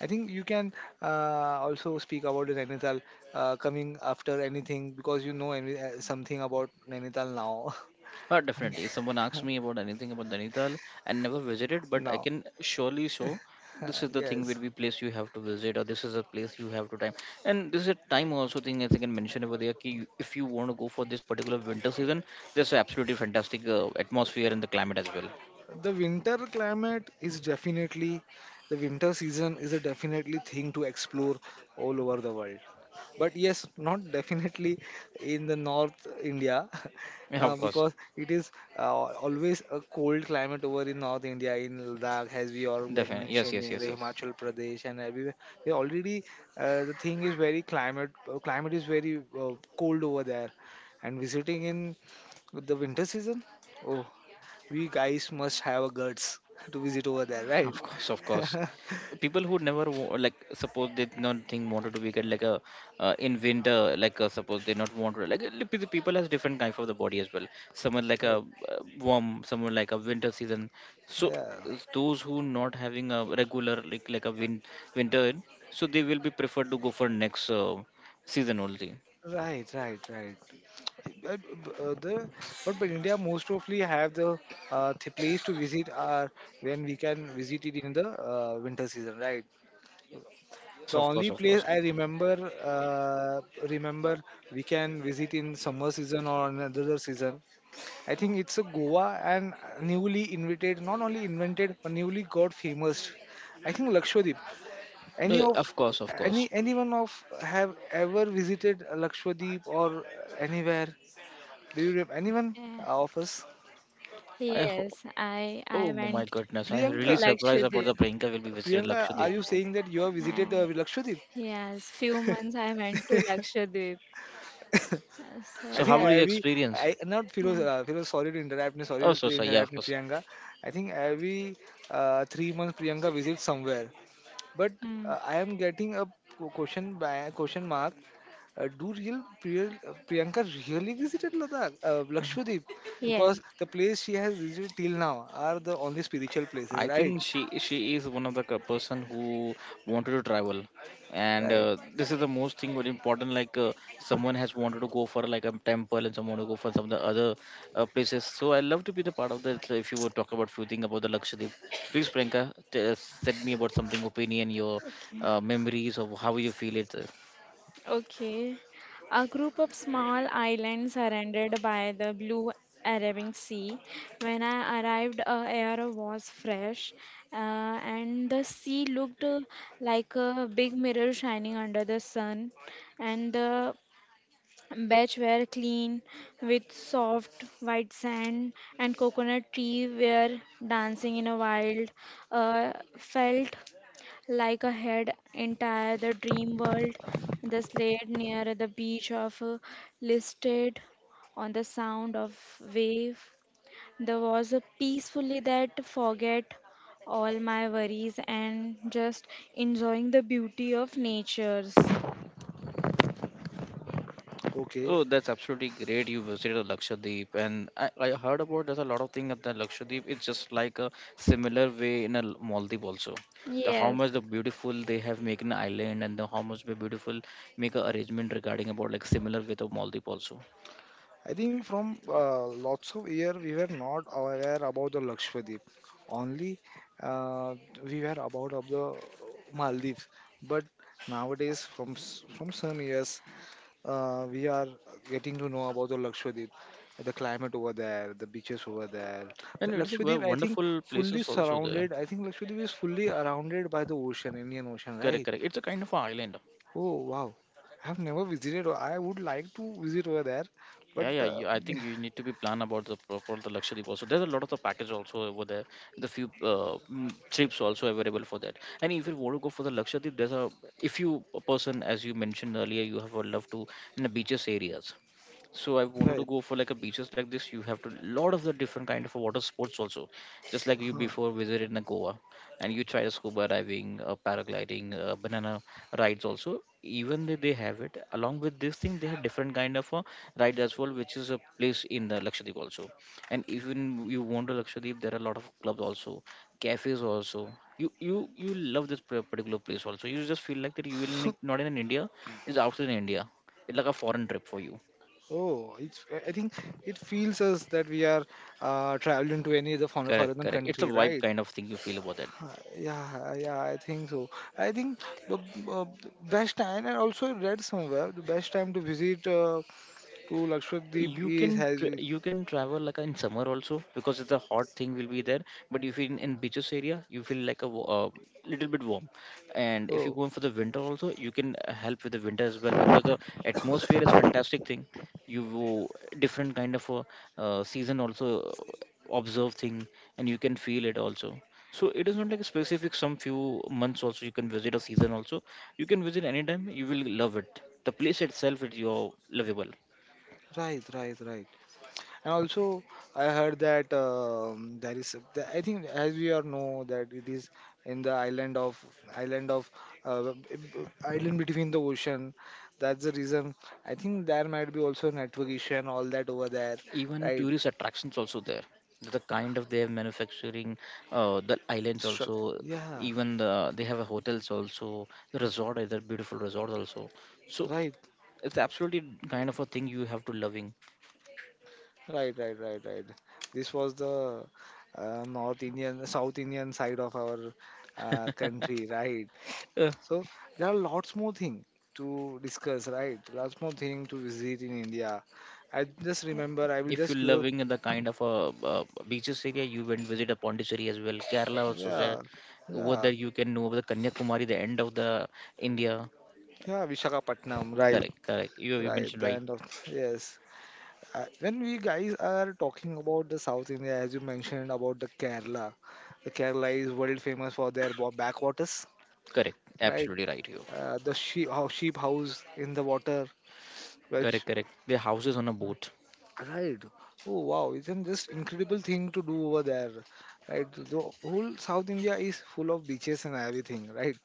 B: I think you can also speak about the Nainital coming after anything, because you know any, something about Nainital now.
A: Definitely. If someone asks me about anything about Nainital, I never visited, but I
B: Now,
A: can surely show this is the thing will
B: yes.
A: be place you have to visit, or this is a place you have to time. And this is a time also thing I think I can mention over there. Ki if you want to go for this particular winter season, there's absolutely fantastic atmosphere and the climate as well.
B: The winter climate is definitely, the winter season is a definitely thing to explore all over the world, but yes, not definitely in the North India.
A: Yeah, of course.
B: Because it is uh, always a cold climate over in North India, in Ladakh, as we all were
A: Definitely. Yes, yes,
B: mentioning,
A: yes,
B: the
A: yes.
B: Himachal Pradesh and everywhere, they already the thing is very climate, climate is very uh, cold over there. And visiting in the winter season, oh, we guys must have a guts to visit over there, right?
A: Of course, of course. People who never like suppose they did not think wanted to be get like a in winter like suppose they not want like the people has different kind of the body as well. Someone like a
B: Right.
A: warm, someone like a winter season. So
B: Yeah.
A: those who not having a regular like a winter, so they will be preferred to go for next season only.
B: Right, right, right. But, uh, the, but India most probably have the place to visit are when we can visit it in the winter season, right?
A: Yes,
B: The
A: of
B: only
A: course, of
B: place
A: course.
B: I remember, we can visit in summer season or another season. I think it's a Goa and newly invited, not only invented but newly got famous. I think Lakshadweep. Any of
A: Of course, of course.
B: any anyone of have ever visited Lakshadweep or anywhere? Do you have anyone
C: Yeah.
B: of us?
A: I ho-
C: Yes, I
A: oh my
C: went
A: goodness, I
C: to
A: really
B: Priyanka,
A: surprised about the
C: Lakshadweep.
A: Priyanka will be visited
B: Are
A: Lakshadweep.
C: Yes.
B: you saying that you have visited
C: I,
B: Lakshadweep?
C: yes, few months I went to Lakshadweep. So
B: I
A: So how
B: think
C: like
A: was your experience?
B: I not Firoz,
C: yeah.
A: Oh,
B: Sorry
A: so
B: to
A: sorry. Yeah,
B: interrupt,
A: of
B: me,
A: course.
B: Priyanka. I think every 3 months Priyanka visits somewhere, but
C: Mm.
B: I am getting a question by question mark. Do real Priyanka really visited Lakshadweep?
C: Yes.
B: Because the place she has visited till now are the only spiritual places,
A: I
B: right?
A: think she is one of the person who wanted to travel, and
B: Right.
A: this is the most thing very important. Like someone has wanted to go for like a temple, and someone to go for some of the other places. So I love to be the part of that. So if you would talk about few things about the Lakshadweep, please, Priyanka, tell tell me about something opinion, your
C: Okay.
A: memories of how you feel it.
C: Okay. A group of small islands surrounded by the blue Arabian Sea. When I arrived, air was fresh, uh, and the sea looked like a big mirror shining under the sun, and the beach were clean with soft white sand and coconut tree were dancing in a wild felt like a head entire the dream world. The slate near the beach of listed on the sound of wave. There was a peacefully that forget all my worries and just enjoying the beauty of natures.
B: Okay.
A: Oh, that's absolutely great. You visited Lakshadweep, and I heard about there's a lot of things at the Lakshadweep. It's just like a similar way in a Maldives also. The how
C: Yes,
A: much the beautiful they have make an island, and the how much the beautiful make a arrangement regarding about like similar with the Maldives also.
B: I think from lots of year we were not aware about the Lakshadweep. Only uh, we were about of the Maldives. But nowadays, from some years, we are getting to know about the Lakshadweep, the climate over there, the beaches over there. The
A: And it's a
B: Lakshadweep, I think,
A: wonderful
B: fully
A: places also there.
B: surrounded. I think Lakshadweep is fully surrounded by the ocean, Indian Ocean,
A: Correct,
B: right?
A: correct. It's a kind of a island.
B: Oh wow, I have never visited. I would like to visit over there, but
A: Yeah, yeah. You, I think you need to be plan about the for the luxury also. There's a lot of the package also over there. The few trips also available for that. And if you want to go for the luxury, there's a if you a person as you mentioned earlier, you have a love to in the beaches areas, so I wanted to
B: right.
A: go for like a beaches like this, you have to lot of the different kind of water sports also, just like you
B: Huh.
A: before visited in Goa, and you tried scuba diving, paragliding, banana rides also. Even they have it along with this thing, they have different kind of ride as well, which is a place in the Lakshadweep also. And even you want to Lakshadweep, there are a lot of clubs also, cafes also. You love this particular place also. You just feel like that you will not in India, it's outside India. It's like a foreign trip for you.
B: Oh, it's. I think it feels us that we are uh, traveling to any other foreign
A: Correct,
B: foreign
A: correct. It's a
B: country,
A: vibe
B: right?
A: kind of thing you feel about it.
B: Yeah, yeah, I think so. I think the uh, best time, and also I read somewhere, the best time to visit to Lakshadweep is has. We,
A: You can travel like in summer also because the hot thing will be there. But if in beaches area you feel like a little bit warm. And if you
B: oh,
A: go for the winter also you can help with the winter as well because the atmosphere is fantastic thing. you wo- Different kind of a season also observe thing, and you can feel it also. So it is not like a specific some few months, also you can visit a season also. You can visit anytime, you will love it, the place itself is your lovable.
B: right, right, right. And also, I heard that there is. I think, as we all know, that it is in the island of uh, island between the ocean. That's the reason. I think there might be also network issue and all that over there,
A: Even
B: right?
A: tourist attractions also there, the kind of they have manufacturing the islands
B: Stru-
A: also.
B: Yeah,
A: Even they have a hotels also, the resort is a beautiful resort also. So
B: right.
A: it's absolutely kind of a thing you have to loving.
B: Right, right, right, right. This was the North Indian, South Indian side of our country, right?
A: uh,
B: So there are lots more thing to discuss, right? Lots more thing to visit in India. I just remember, I will
A: if you're
B: just give,
A: loving the kind of a beaches area, you went visit a Pondicherry as well, Kerala also there.
B: yeah,
A: Over
B: yeah,
A: there you can know the Kanyakumari, the end of the India.
B: yeah, Vishakhapatnam, right,
A: Correct, correct, you
B: right.
A: mentioned
B: The
A: right.
B: end of yes. When we guys are talking about the South India, as you mentioned about the Kerala is world famous for their backwaters,
A: Correct,
B: right?
A: absolutely right, you.
B: The sheep, how sheep house in the water,
A: Correct,
B: which,
A: correct. The houses on a boat.
B: right? Oh wow! Isn't this incredible thing to do over there, right? The whole South India is full of beaches and everything, right?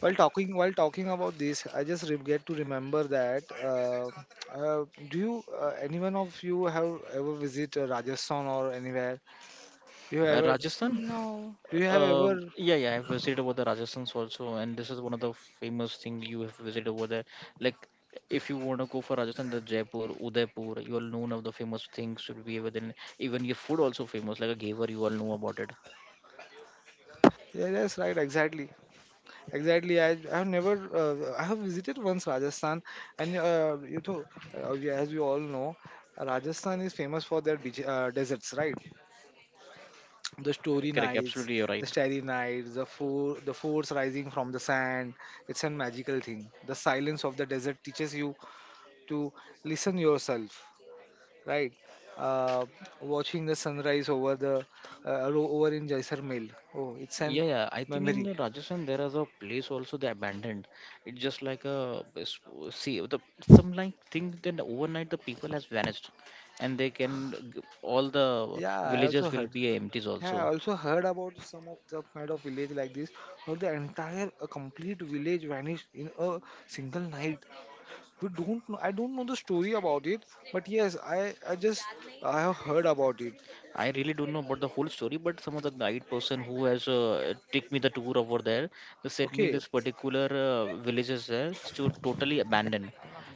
B: While talking about this, I just get to remember that. Do you, anyone of you have ever visit Rajasthan or anywhere? Do you ever
A: Rajasthan?
C: no.
B: do you have ever?
A: Yeah, yeah, I've visited over the Rajasthan's also, and this is one of the famous thing you have visited over there. Like, if you want to go for Rajasthan, the Jaipur, Udaipur, you all know one of the famous things should be over there. Even your food also famous, like a gaver, you all know about it.
B: Yeah, that's right, exactly. Exactly. I have never I have visited once Rajasthan, and you know, as we all know, Rajasthan is famous for their deserts, right? The story
A: Correct, correct,
B: nights,
A: absolutely, you're
B: the
A: right.
B: starry nights, the the forts rising from the sand. It's a magical thing. The silence of the desert teaches you to listen yourself, right? Uh, watching the sunrise over the over in Jaisalmer. Oh, it's an
A: Yeah, yeah. I think in
B: memory.
A: Rajasthan there is a place also they abandoned. It's just like a see the some like thing. Then overnight the people has vanished, and they all the
B: Yeah, I also
A: villages will
B: heard.
A: be empties
B: Yeah, I
A: also.
B: also heard about some of the kind of village like this, where the entire a complete village vanished in a single night. We don't know. I don't know the story about it, but yes, I just I have heard about it.
A: I really don't know about the whole story, but some of the guide person who has take me the tour over there, they said me
B: Okay,
A: this particular villages there is to totally abandoned.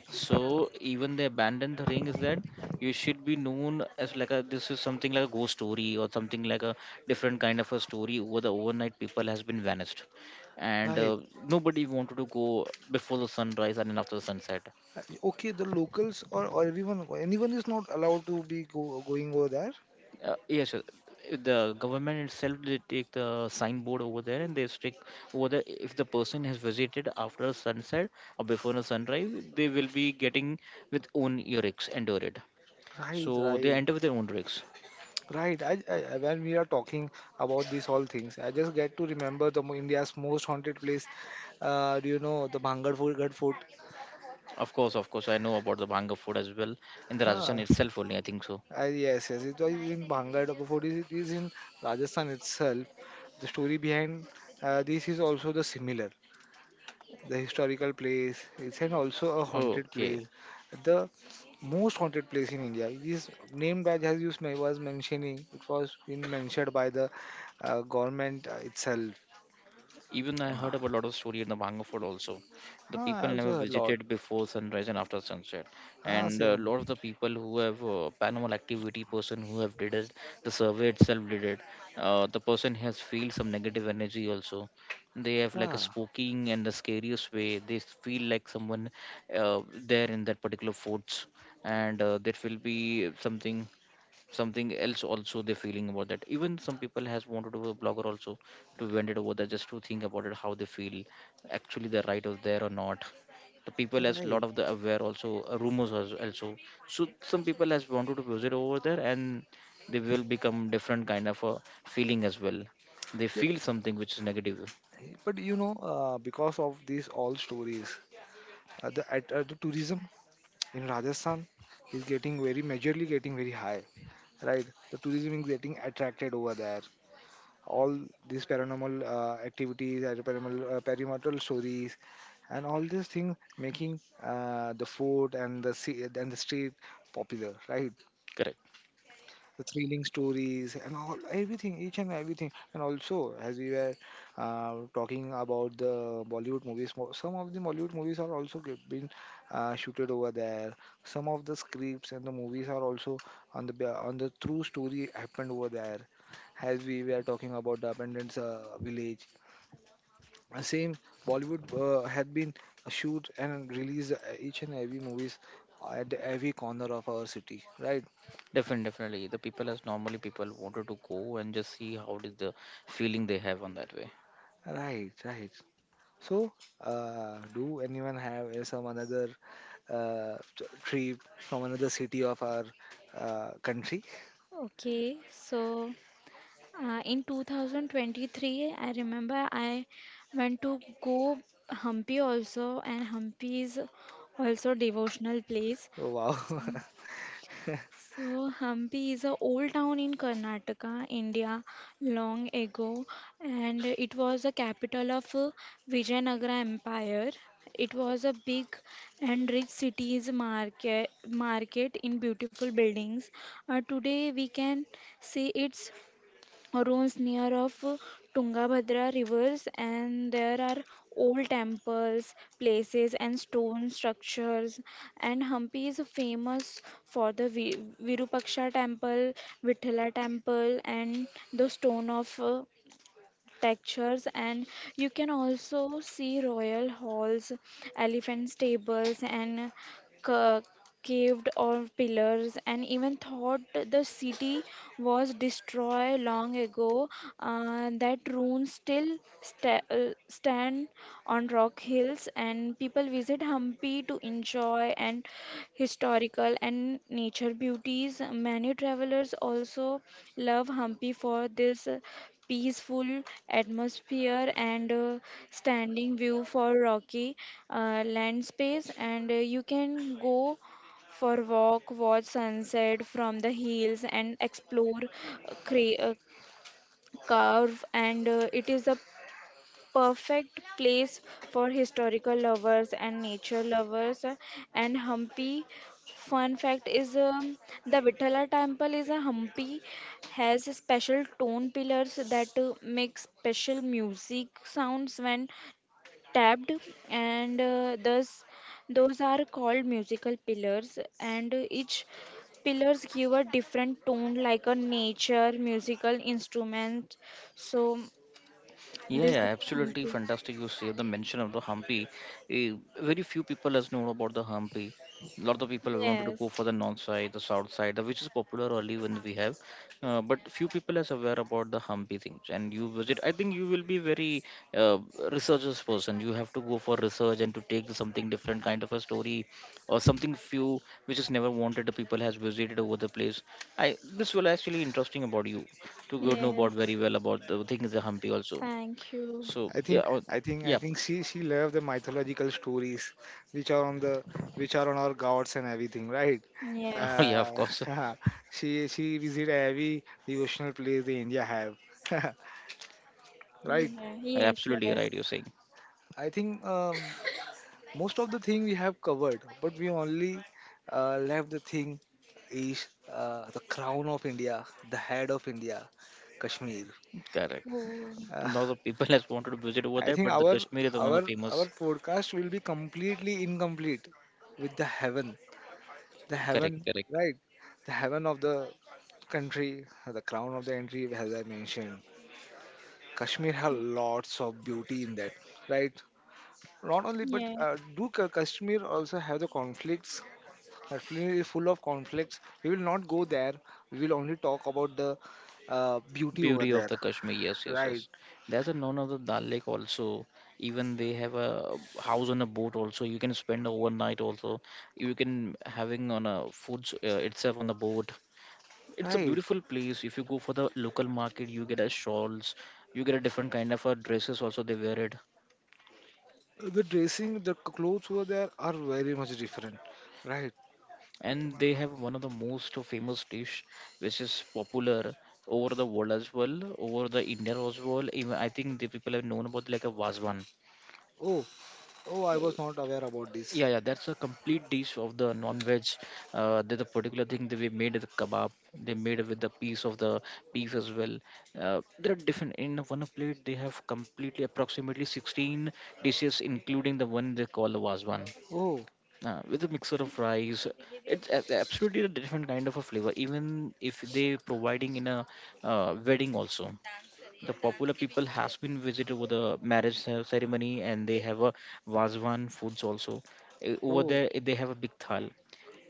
A: So even they abandoned the ring is that you should be known as like a this is something like a ghost story or something like a different kind of a story over the overnight people has been vanished, and
B: right.
A: uh, nobody wanted to go before the sunrise and then after the sunset.
B: Okay, the locals or everyone anyone is not allowed to be going over there.
A: Yes, sir. The government itself they take the signboard over there and they stick over there. If the person has visited after sunset or before the sunrise, they will be getting with own earrings entered it.
B: Right,
A: So they
B: right,
A: enter with their own rigs.
B: right. When we are talking about these all things, I just get to remember the India's most haunted place. Do you know the Bhangarpur Ghat Fort?
A: Of course, I know about the Bhanga food as well in the Rajasthan
B: Huh.
A: itself only, I think so.
B: Yes, yes. It was in Bhangar Dhaka food. It is in Rajasthan itself. The story behind this is also the similar. The historical place. It's an also a haunted
A: Okay.
B: place. The most haunted place in India. It is named by as you men- was mentioning. It was been mentioned by the government itself.
A: Even I heard about
B: Ah,
A: a lot of story in the Banga Fort also. The
B: huh,
A: people
B: I
A: never
B: also heard a lot.
A: visited before sunrise and after sunset,
B: Ah,
A: and a
B: same.
A: lot of the people who have paranormal activity person who have did it, the survey itself did it. The person has feel some negative energy also. They have like a
B: Ah,
A: spoking and the scariest way. They feel like someone there in that particular forts, and there will be something something else also they're feeling about that. Even some people has wanted to be a blogger also to vent it over that, just to think about it how they feel actually, the right of there or not. The people has lot
B: right.
A: of the aware also rumors also. So some people has wanted to visit over there, and they will become different kind of a feeling as well, they
B: Yep.
A: feel something which is negative.
B: But you know, because of these all stories, the tourism in Rajasthan is getting very majorly getting very high, right? The tourism is getting attracted over there. All these paranormal activities, paranormal perimeter stories, and all these things making the food and the sea and the street popular, right?
A: Correct.
B: The thrilling stories and all everything, each and everything. And also, as we were talking about the Bollywood movies, some of the Bollywood movies are also been shooted over there. Some of the scripts and the movies are also on the on the true story happened over there, as we were talking about the abandoned village. Same Bollywood had been shoot and release each and every movies at every corner of our city, right,
A: Definitely, definitely, the people as normally people wanted to go and just see how did the feeling they have on that way.
B: right, right. So, do anyone have some another trip from another city of our country?
C: Okay, so in 2023, I remember I went to go Hampi also, and Hampi is also devotional place.
B: Oh, wow!
C: So Hampi is a old town in Karnataka, India, long ago, and it was the capital of Vijayanagara Empire. It was a big and rich city's market in beautiful buildings. Today we can see its ruins near of Tungabhadra rivers, and there are old temples, places and stone structures, and Hampi is famous for the Virupaksha temple, Vithala temple and the stone of textures, and you can also see royal halls, elephant stables and ca- caved or pillars, and even thought the city was destroyed long ago, that ruins still stand on rock hills and people visit Hampi to enjoy and historical and nature beauties. Many travelers also love Hampi for this peaceful atmosphere and standing view for rocky land space, and you can go for walk, watch sunset from the hills and explore uh, cra- uh, curve, and it is a perfect place for historical lovers and nature lovers. And Hampi fun fact is the Vithala temple is a Hampi has special tone pillars that make special music sounds when tapped, and thus those are called musical pillars, and each pillars give a different tone like a nature musical instrument. So
A: Yeah,
C: this
A: yeah,
C: is
A: absolutely
C: Hampi.
A: fantastic. You save the mention of the Hampi. Eh, very few people has known about the Hampi. A lot of people wanted to
C: Yes,
A: go for the north side, the south side, which is popular only when we have, but few people is aware about the Hampi thing. And you visit, I think you will be very uh, researchers person. You have to go for research and to take something different kind of a story or something few which is never wanted. The people has visited over the place. I, this will actually interesting about you to go know about
C: yes.
A: very well about the thing is the Hampi also.
C: Thank you.
A: So
B: I
A: yeah,
B: think
A: oh,
B: I think I
A: yeah,
B: think she loved the mythological stories, which are on the which are on our gods and everything, right?
A: oh,
C: Yes.
A: yeah. Of
B: Uh,
A: course,
B: she visit every devotional place the India have, right?
C: Yeah,
A: I
C: yes,
A: absolutely
C: yes.
A: right, you're saying.
B: I think most of the thing we have covered, but we only left the thing is the crown of India, the head of India, Kashmir.
A: Correct.
C: Oh,
B: uh,
A: Lots of people has wanted to visit over
B: I
A: there,
B: think
A: but the
B: our
A: Kashmir is the one
B: our
A: of famous.
B: podcast will be completely incomplete with the heaven, the heaven
A: Correct, correct.
B: right, the heaven of the country, the crown of the country, as I mentioned. Kashmir has lots of beauty in that, right? Not only, but
C: yeah,
B: Kashmir also have the conflicts. Our film is full of conflicts. We will not go there. We will only talk about the beauty over
A: Beauty of
B: there.
A: the Kashmir. Yes, yes, yes.
B: Right,
A: There's a known of the Dal Lake also. Even they have a house on a boat also. You can spend overnight also. You can having on a food itself on the boat. It's a
B: right.
A: beautiful place. If you go for the local market, you get a shawls. You get a different kind of a dresses also. They wear it,
B: The dressing, the clothes over there are very much different. Right.
A: and they have one of the most famous dish which is popular over the world as well, over the India as well. Even I think the people have known about like a vazwan.
B: Oh, oh, I was not aware about this.
A: Yeah, yeah, that's a complete dish of the non-veg. Uh, there's a particular thing that we made with the kebab, they made with the piece of the beef as well. Uh, there are different, in one plate they have completely approximately 16 dishes including the one they call the vazwan,
B: Oh,
A: with a mixer of rice. Absolutely a different kind of a flavor, even if they providing in a wedding also. The popular people has been visit over the marriage ceremony and they have a Vazwan foods also. Eh, over
B: oh,
A: there, eh, they have a big thal,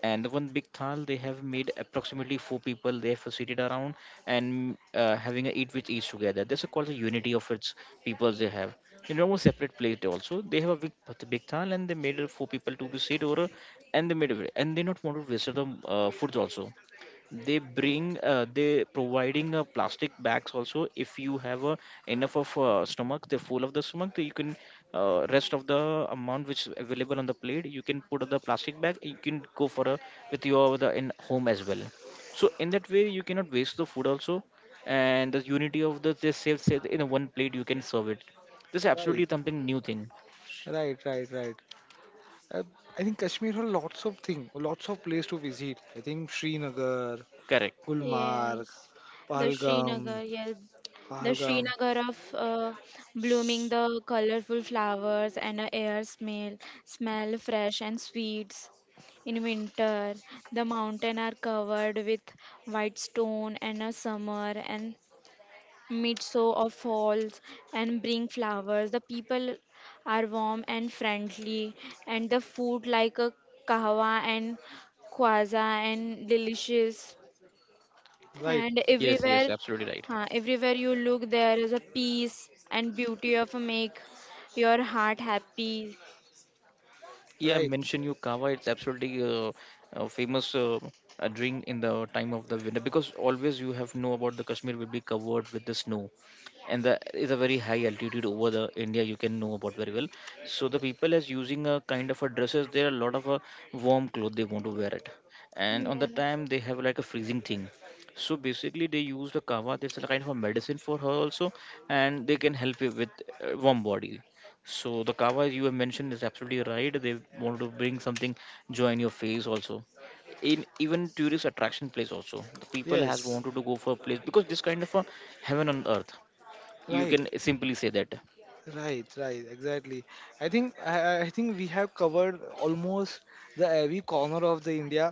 A: and the one big thal they have made approximately four people they have seated around, and having a eat with each together. This is called the unity of its peoples, they have in almost separate plate also. They have a big big thal and they made it four people to be sit over, and they made it and they not want to waste the foods also. They bring they providing plastic bags also. If you have enough of stomach, they're full of the stomach, then you can rest of the amount which is available on the plate you can put on the plastic bag, you can go for a with your the in home as well. So in that way you cannot waste the food also, and the unity of the they save in a one plate you can serve it. This is
B: right,
A: absolutely something new thing.
B: right, right, right. Uh, I think Kashmir has lots of things, lots of place to visit. I think Srinagar,
A: Correct.
B: Gulmarg,
C: yes. The
B: Pahalgam,
C: Srinagar, yes. The
B: Pahalgam.
C: Srinagar of blooming the colorful flowers and a air smell fresh and sweets. In winter, the mountain are covered with white stone and a summer and mid sow of falls and bring flowers. The people are warm and friendly, and the food like a kahwa and kwaza and delicious.
B: Right,
C: And
A: Yes, yes,
C: everywhere,
A: absolutely right.
C: huh, everywhere you look, there is a peace and beauty of make your heart happy.
A: Yeah,
B: right.
A: mention you kava. It's absolutely a famous a drink in the time of the winter, because always you have know about the Kashmir will be covered with the snow, and that is a very high altitude over the India. You can know about very well. So the people is using a kind of a dresses. There are a lot of a warm cloth they want to wear it, and on
C: Yeah,
A: the time they have like a freezing thing. So basically, they use the kava. That's a kind of a medicine for her also, and they can help you with warm body. So the kava you have mentioned is absolutely right. They want to bring something joy in your face also. In even tourist attraction place also, the people has
B: Yes,
A: wanted to go for a place because this kind of a heaven on earth. You
B: right.
A: can simply say that.
B: Right, right, exactly. I think we have covered almost the every corner of the India,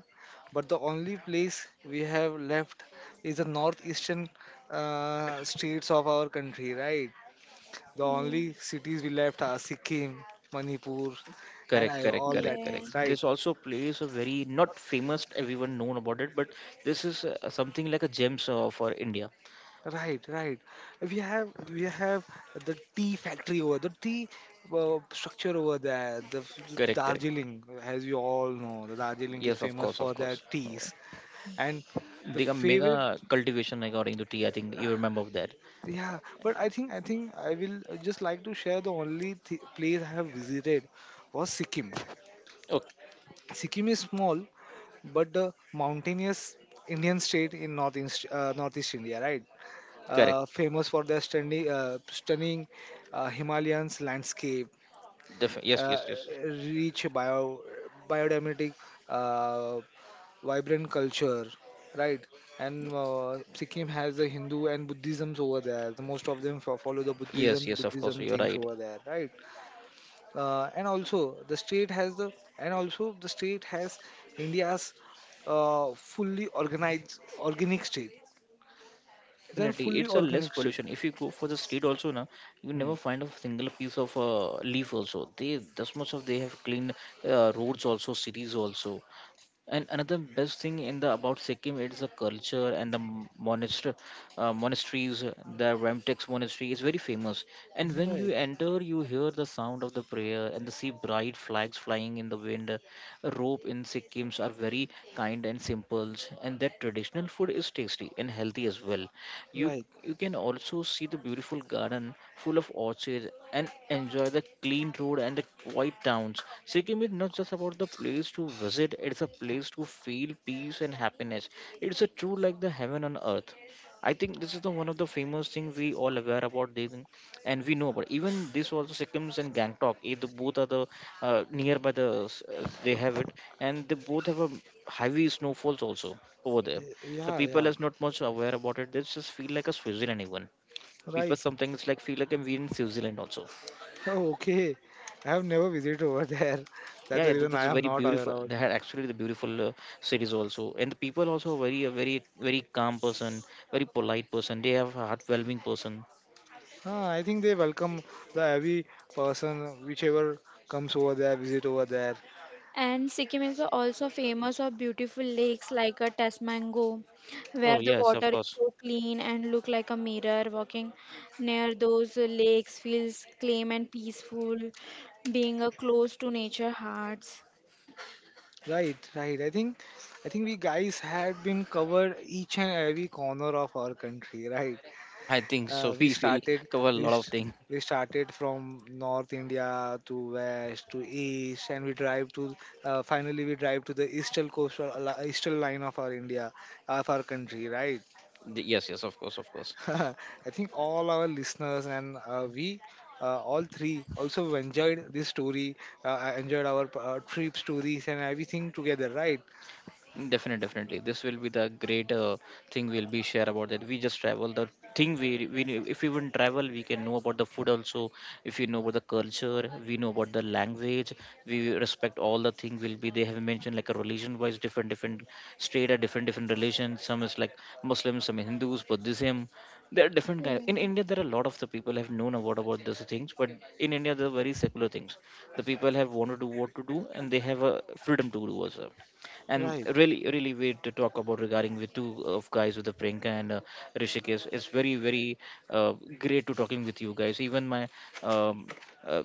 B: but the only place we have left is the northeastern states of our country, right? The
C: yeah,
B: only cities we left are Sikkim, Manipur, and
A: Correct, correct,
B: all
A: correct,
B: that
C: yeah.
B: things,
A: correct.
B: right?
A: This also plays a very not famous, everyone known about it, but this is something like a gems for India.
B: Right, right. We have the tea factory over the tea structure over there. The
A: Correct, correct.
B: Darjeeling, as you all know, the Darjeeling is
A: Yes, of
B: famous
A: course, of
B: for their
A: course.
B: teas. And the
A: They got
B: favorite,
A: mega cultivation according to tea, I think you remember of that.
B: yeah. But I will just like to share the only place I have visited was Sikkim.
A: Okay,
B: Sikkim is small, but the mountainous Indian state in northeast India, right?
A: correct.
B: Uh, famous for their stunning Himalayan landscape,
A: Def- yes,
B: uh,
A: yes, yes.
B: rich bio, biodynamic, uh, vibrant culture, right? And Sikkim has the Hindu and Buddhisms over there. The most of them follow the
A: Yes, yes, of course,
B: Buddhism
A: you're
B: things
A: right.
B: over there, right? And also the state has the and also the state has India's fully organized organic state. Then
A: Definitely,
B: fully
A: it's a less
B: organic state.
A: pollution. If you go for the street also na, you
B: Hmm.
A: never find a single piece of leaf also. They this much of they have cleaned roads also, cities also. And another best thing in the about Sikkim it's the culture and the monasteries. The Ramtex monastery is very famous. And when you
B: Right.
A: enter, you hear the sound of the prayer and the see bright flags flying in the wind. Rope in Sikkims are very kind and simple, and that traditional food is tasty and healthy as well. You
B: Right.
A: you can also see the beautiful garden full of orchids and enjoy the clean road and the quiet towns. Sikkim is not just about the place to visit, it's a place to feel peace and happiness. It's a true like the heaven on earth. I think this is the one of the famous thing we all aware about this thing, and we know about even this also Sikkim's and Gangtok, eh, the both are the nearby the they have it, and they both have a heavy snowfalls also over there.
B: Y-
A: The
B: Yeah,
A: people
B: yeah.
A: is not much aware about it, they just feel like a Switzerland even. People
B: Right.
A: sometimes like feel like we in Switzerland also.
B: Oh, okay. I have never visited over there. That's
A: Yeah,
B: the
A: yeah,
B: reason
A: that's
B: I
A: a
B: am
A: very
B: not aware
A: beautiful.
B: of.
A: They had actually the beautiful cities also, and the people also very a very very calm person, very polite person. They have a heartwarming person.
B: Ah, I think they welcome the every person whichever comes over there, visit over there.
C: And Sikkim is also famous for beautiful lakes like a Tasmango, where
A: Oh
C: the
A: yes,
C: water
A: of
C: is
A: course.
C: so clean and look like a mirror. Walking near those lakes feels calm and peaceful, being a close to nature hearts.
B: Right, right. I think we guys had been covered each and every corner of our country, right?
A: I think so.
B: uh, we
A: We will
B: started
A: cover a
B: we,
A: lot of
B: s-
A: things.
B: we started from North India to west to east and we drive to finally we drive to the eastern eastern line of our India, of our country, right?
A: Yes, yes, of course, of course.
B: I think all our listeners and we all three also enjoyed this story, enjoyed our trip stories and everything together, right?
A: Definitely, definitely. This will be the great thing we'll be share about that. We just travel. The thing we knew- if we wouldn't travel, we can know about the food also. If you know about the culture, we know about the language. We respect all the thing. Will be they have mentioned like a religion wise, different different state are different different religions. Some is like Muslims, some is Hindus, Buddhism. There are different kind. In
C: Yeah.
A: India, there are a lot of the people have known about these things, but in India, they're very secular things. The people have wanted to what to do, and they have a freedom to do also, and
B: Right.
A: really really weird to talk about regarding with two of guys with the Priyanka and Rishikesh. It's very very uh, great to talking with you guys. Even my um, uh,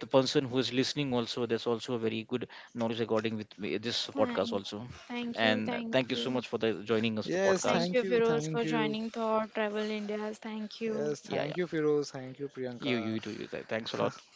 A: the person who is listening also there's also a very good knowledge regarding with me, this podcast
C: Thank,
A: also.
C: thank you,
A: And
C: thank
A: thank you so
C: you,
A: much for the joining us the
B: Yes,
C: thank
A: podcast.
B: thank
C: you,
B: you,
C: Firoz,
B: thank
C: for
B: you.
C: joining Thought Travel India's. Thank you.
B: Yes,
A: Yeah,
B: thank you,
A: yeah.
B: Firoz. Thank you, Priyanka.
A: You too. You thanks a lot.